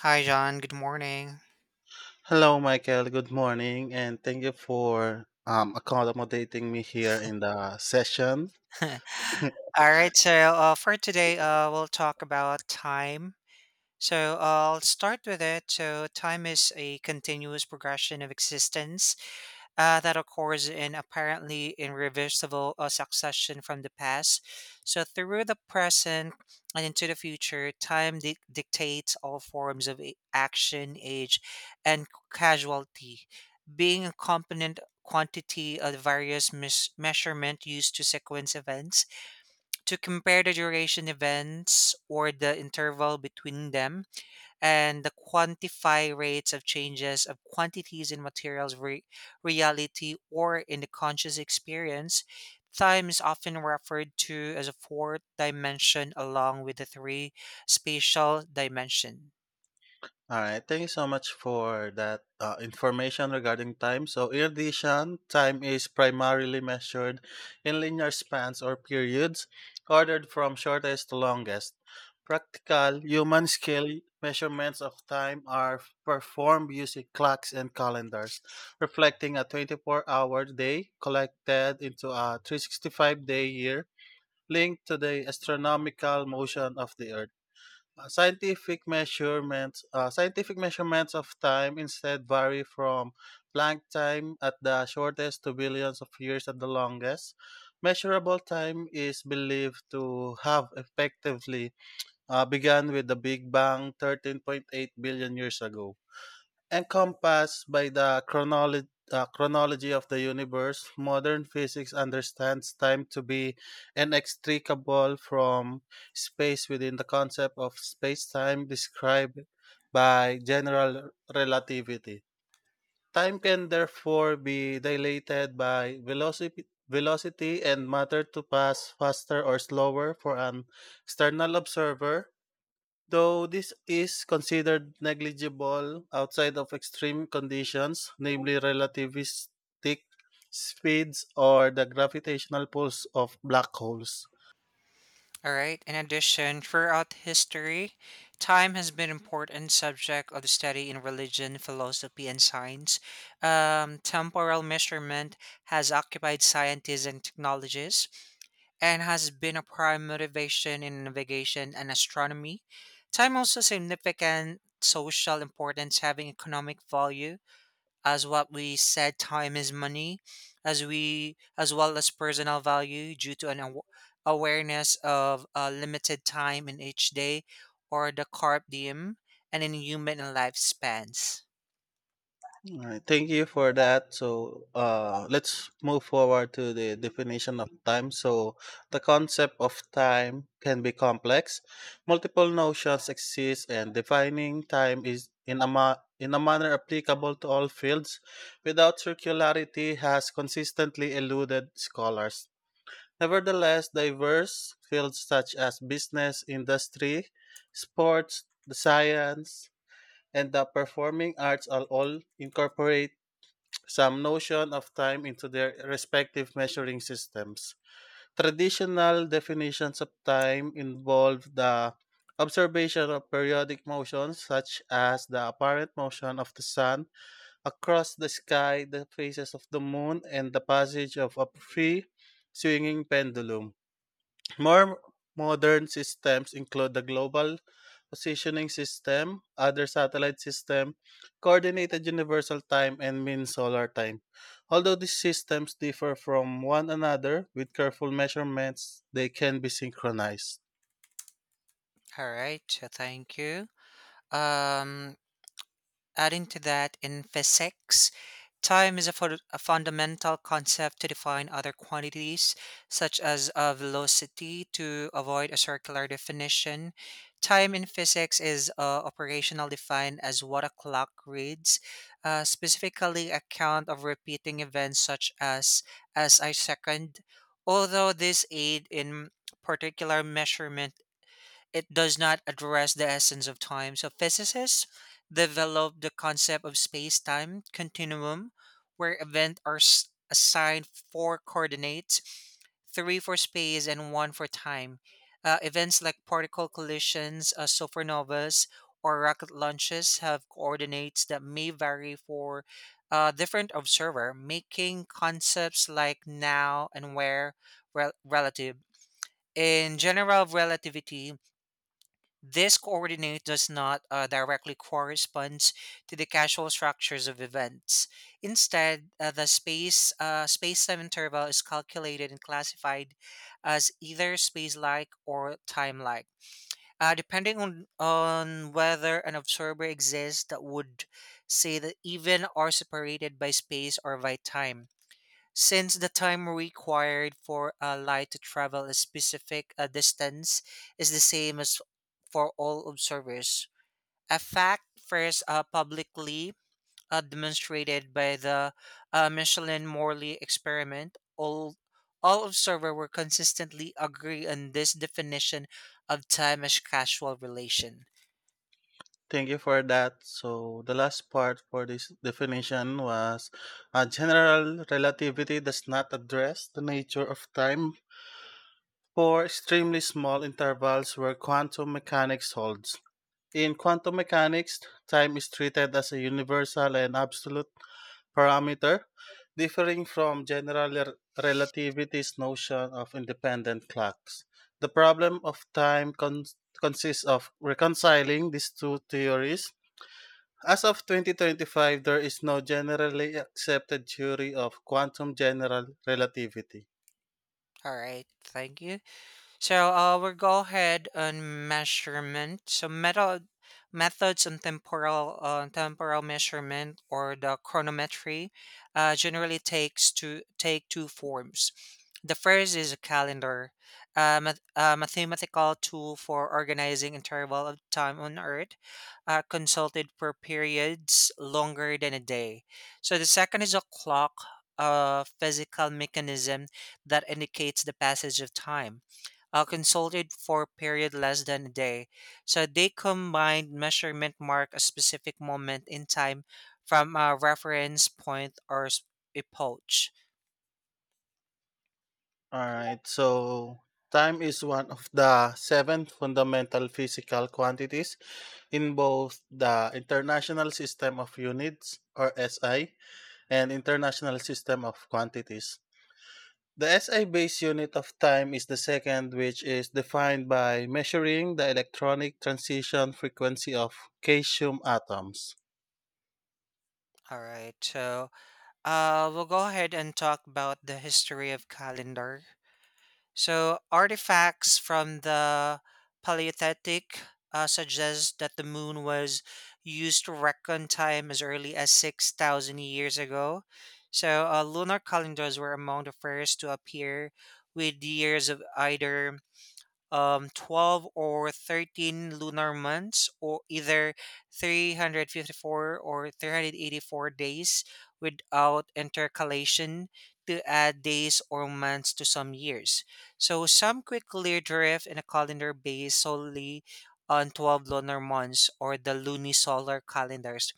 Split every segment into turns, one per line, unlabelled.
Hi, John. Good morning.
Hello, Michael. Good morning, and thank you for accommodating me here in the session.
All right. So for today, we'll talk about time. So I'll start with it. So time is a continuous progression of existence that occurs in apparently irreversible succession from the past, So, through the present and into the future. Time dictates all forms of action, age, and casualty, being a component quantity of various measurement used to sequence events, to compare the duration events or the interval between them, and the quantify rates of changes of quantities in materials reality or in the conscious experience. Time is often referred to as a fourth dimension along with the three spatial dimension.
All right. Thank you so much for that information regarding time. So, in addition, time is primarily measured in linear spans or periods, ordered from shortest to longest. Practical human scale measurements of time are performed using clocks and calendars, reflecting a 24-hour day collected into a 365-day year, linked to the astronomical motion of the Earth. Scientific measurements of time instead vary from Planck time at the shortest to billions of years at the longest. Measurable time is believed to have effectively begun with the Big Bang 13.8 billion years ago. Encompassed by the chronology of the universe, modern physics understands time to be inextricable from space within the concept of space-time described by general relativity. Time can therefore be dilated by velocity and matter to pass faster or slower for an external observer. Though this is considered negligible outside of extreme conditions, namely relativistic speeds or the gravitational pulls of black holes.
All right, in addition, throughout history, time has been important subject of study in religion, philosophy and science. Temporal measurement has occupied scientists and technologies, and has been a prime motivation in navigation and astronomy. Time also significant social importance, having economic value, as what we said, time is money, as we as well as personal value due to an awareness of limited time in each day, or the carp diem, and in human lifespans.
All right, thank you for that. So let's move forward to the definition of time. So the concept of time can be complex. Multiple notions exist, and defining time is in a ma- in a manner applicable to all fields without circularity has consistently eluded scholars. Nevertheless, diverse fields such as business, industry, sports, the science, and the performing arts are all incorporate some notion of time into their respective measuring systems. Traditional definitions of time involve the observation of periodic motions, such as the apparent motion of the sun across the sky, the phases of the moon, and the passage of a free swinging pendulum. More modern systems include the Global Positioning System, other satellite system, Coordinated Universal Time, and Mean Solar Time. Although these systems differ from one another with careful measurements, they can be synchronized.
All right, so thank you. um Adding to that, in physics, time is a, a fundamental concept to define other quantities, such as velocity, to avoid a circular definition. Time in physics is operational defined as what a clock reads, specifically a count of repeating events such as a second. Although this aid in particular measurement, it does not address the essence of time. So physicists developed the concept of space-time continuum, where events are assigned four coordinates, three for space and one for time. Events like particle collisions, supernovas, or rocket launches have coordinates that may vary for a different observer, making concepts like now and where relative. In general relativity, this coordinate does not directly corresponds to the causal structures of events. Instead, the space space-time interval is calculated and classified as either space-like or time-like, depending on whether an observer exists that would say that even are separated by space or by time. Since the time required for a light to travel a specific distance is the same as for all observers, a fact first publicly demonstrated by the Michelin-Morley experiment, all observers were consistently agree on this definition of time as casual relation.
Thank you for that. So, the last part for this definition was general relativity does not address the nature of time for extremely small intervals where quantum mechanics holds. In quantum mechanics, time is treated as a universal and absolute parameter, differing from relativity's notion of independent clocks. The problem of consists of reconciling these two theories. As of 2025, there is no generally accepted theory of quantum general relativity.
All right, thank you. So we'll go ahead on measurement. So methods on temporal temporal measurement or the chronometry generally takes to take two forms. The first is a calendar, a, a mathematical tool for organizing interval of time on Earth, consulted for periods longer than a day. So the second is a clock, a physical mechanism that indicates the passage of time, consulted for a period less than a day. So they combined measurement mark a specific moment in time from a reference point or epoch.
All right, so time is one of the seven fundamental physical quantities in both the International System of Units, or SI, and International System of Quantities. The SI based unit of time is the second, which is defined by measuring the electronic transition frequency of caesium atoms.
All right, so we'll go ahead and talk about the history of calendar. So, artifacts from the Paleolithic suggest that the moon was used to reckon time as early as 6,000 years ago. So, lunar calendars were among the first to appear with years of either 12 or 13 lunar months, or either 354 or 384 days without intercalation to add days or months to some years. So some quick clear drift in a calendar based solely on 12 lunar months, or the lunisolar calendars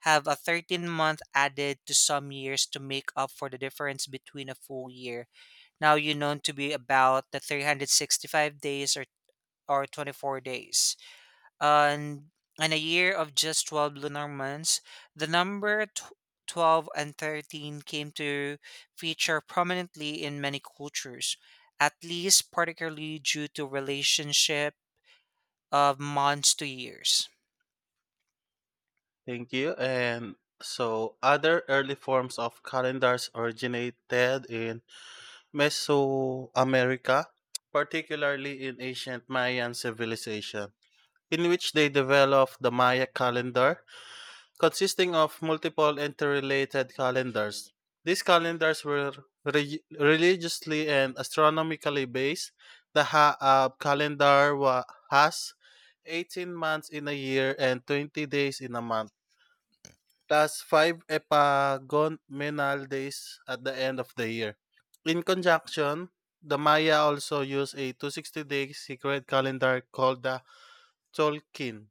have a 13-month added to some years to make up for the difference between a full year, now you known to be about the 365 days, or 24 days. And in a year of just 12 lunar months, the number 12 and 13 came to feature prominently in many cultures, at least particularly due to relationship of months to years.
Thank you. And so, other early forms of calendars originated in Mesoamerica, particularly in ancient Mayan civilization, in which they developed the Maya calendar, consisting of multiple interrelated calendars. These calendars were religiously and astronomically based. The Ha'ab calendar has 18 months in a year and 20 days in a month, plus 5 epagomenal days at the end of the year. In conjunction, the Maya also used a 260-day secret calendar called the Cholkin.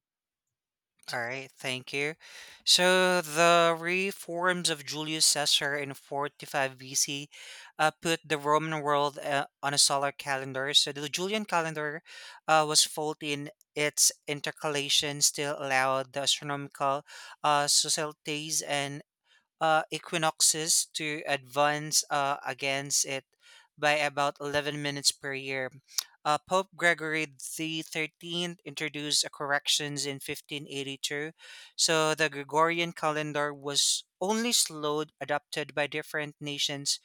All right, thank you. So the reforms of Julius Caesar in 45 BC put the Roman world on a solar calendar. So the Julian calendar was faulty in its intercalation, still allowed the astronomical societies and equinoxes to advance against it by about 11 minutes per year. Pope Gregory the 13th introduced corrections in 1582, so the Gregorian calendar was only slowly adopted by different nations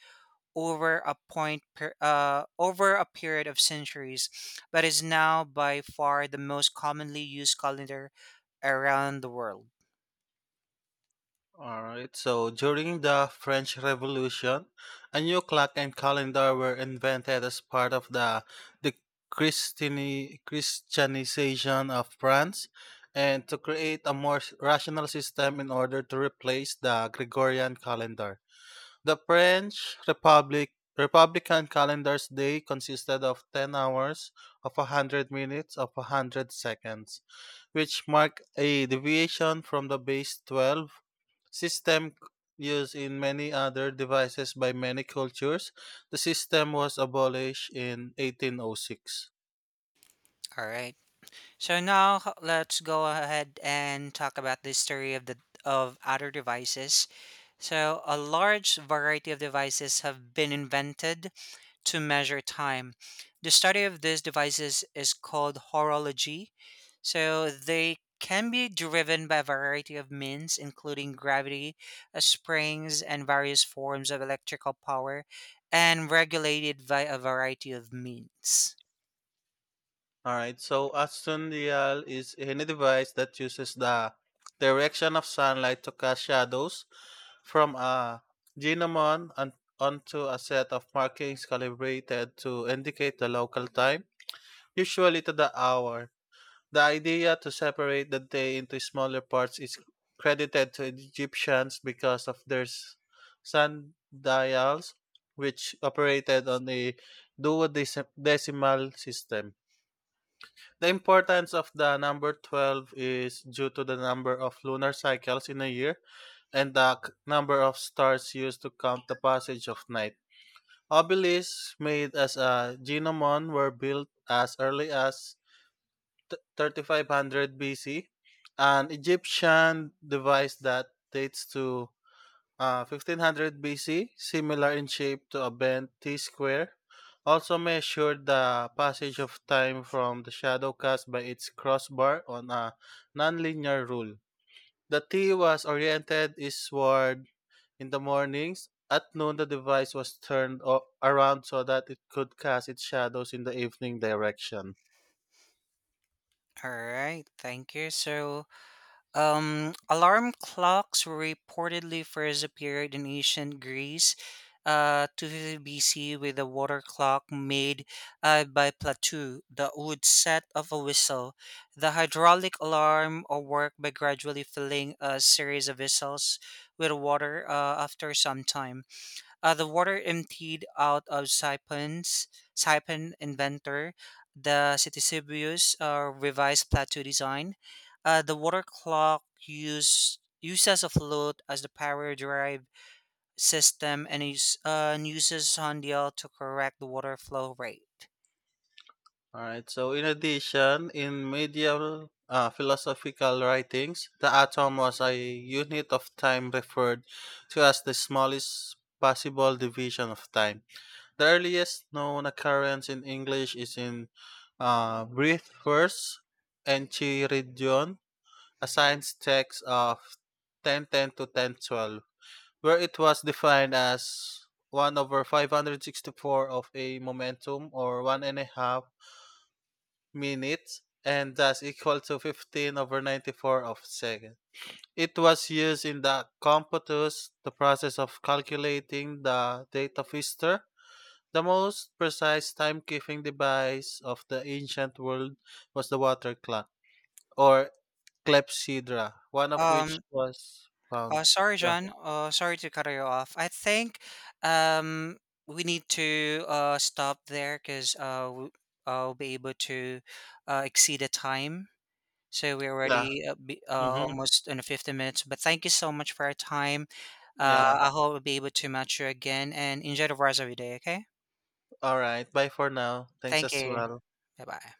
over a period of centuries, but is now by far the most commonly used calendar around the world.
All right. So during the French Revolution, a new clock and calendar were invented as part of the Christianization of France, and to create a more rational system in order to replace the Gregorian calendar. The French Republican calendar's day consisted of 10 hours of 100 minutes of 100 seconds, which marked a deviation from the base 12 system used in many other devices by many cultures. The system was abolished in 1806.
All right. So now let's go ahead and talk about the history of other devices. So a large variety of devices have been invented to measure time. The study of these devices is called horology. So they can be driven by a variety of means, including gravity, springs, and various forms of electrical power, and regulated by a variety of means.
All right. So a sundial is any device that uses the direction of sunlight to cast shadows from a gnomon on, onto a set of markings calibrated to indicate the local time, usually to the hour. The idea to separate the day into smaller parts is credited to Egyptians because of their sundials, which operated on a duodecimal system. The importance of the number 12 is due to the number of lunar cycles in a year and the number of stars used to count the passage of night. Obelisks made as a gnomon were built as early as 3500 BC. An Egyptian device that dates to 1500 BC, similar in shape to a bent T square, also measured the passage of time from the shadow cast by its crossbar on a nonlinear rule. The T was oriented eastward in the mornings. At noon, the device was around so that it could cast its shadows in the evening direction.
All right, thank you. So alarm clocks reportedly first appeared in ancient Greece, 250 BC, with a water clock made by Plato that would set off a whistle. The hydraulic alarm worked by gradually filling a series of vessels with water after some time. The water emptied out of Siphon inventor, the Ctesibius revised plateau design. The water clock used uses a float as the power drive system, and uses sundial to correct the water flow rate.
Alright, so in addition, in medieval philosophical writings, the atom was a unit of time referred to as the smallest possible division of time. The earliest known occurrence in English is in Breathworth's Enchiridion, a science text of 1010 to 1012, where it was defined as 1 over 564 of a momentum or 1.5 minutes and thus equal to 15 over 94 of second. It was used in the computus, the process of calculating the date of Easter. The most precise timekeeping device of the ancient world was the water clock or clepsydra, one of which
Um,
was found.
sorry,
Yeah.
John. Sorry to cut you off. I think um, we need to stop there because I'll be able to exceed the time. So we're
Yeah.
already
Mm-hmm.
almost in the 50 minutes, but thank you so much for your time.
Yeah.
I hope I'll be able to match you again, and enjoy the rest of your day, okay?
All right. Bye for now. Thanks
Thank
as
you.
well.
Bye bye.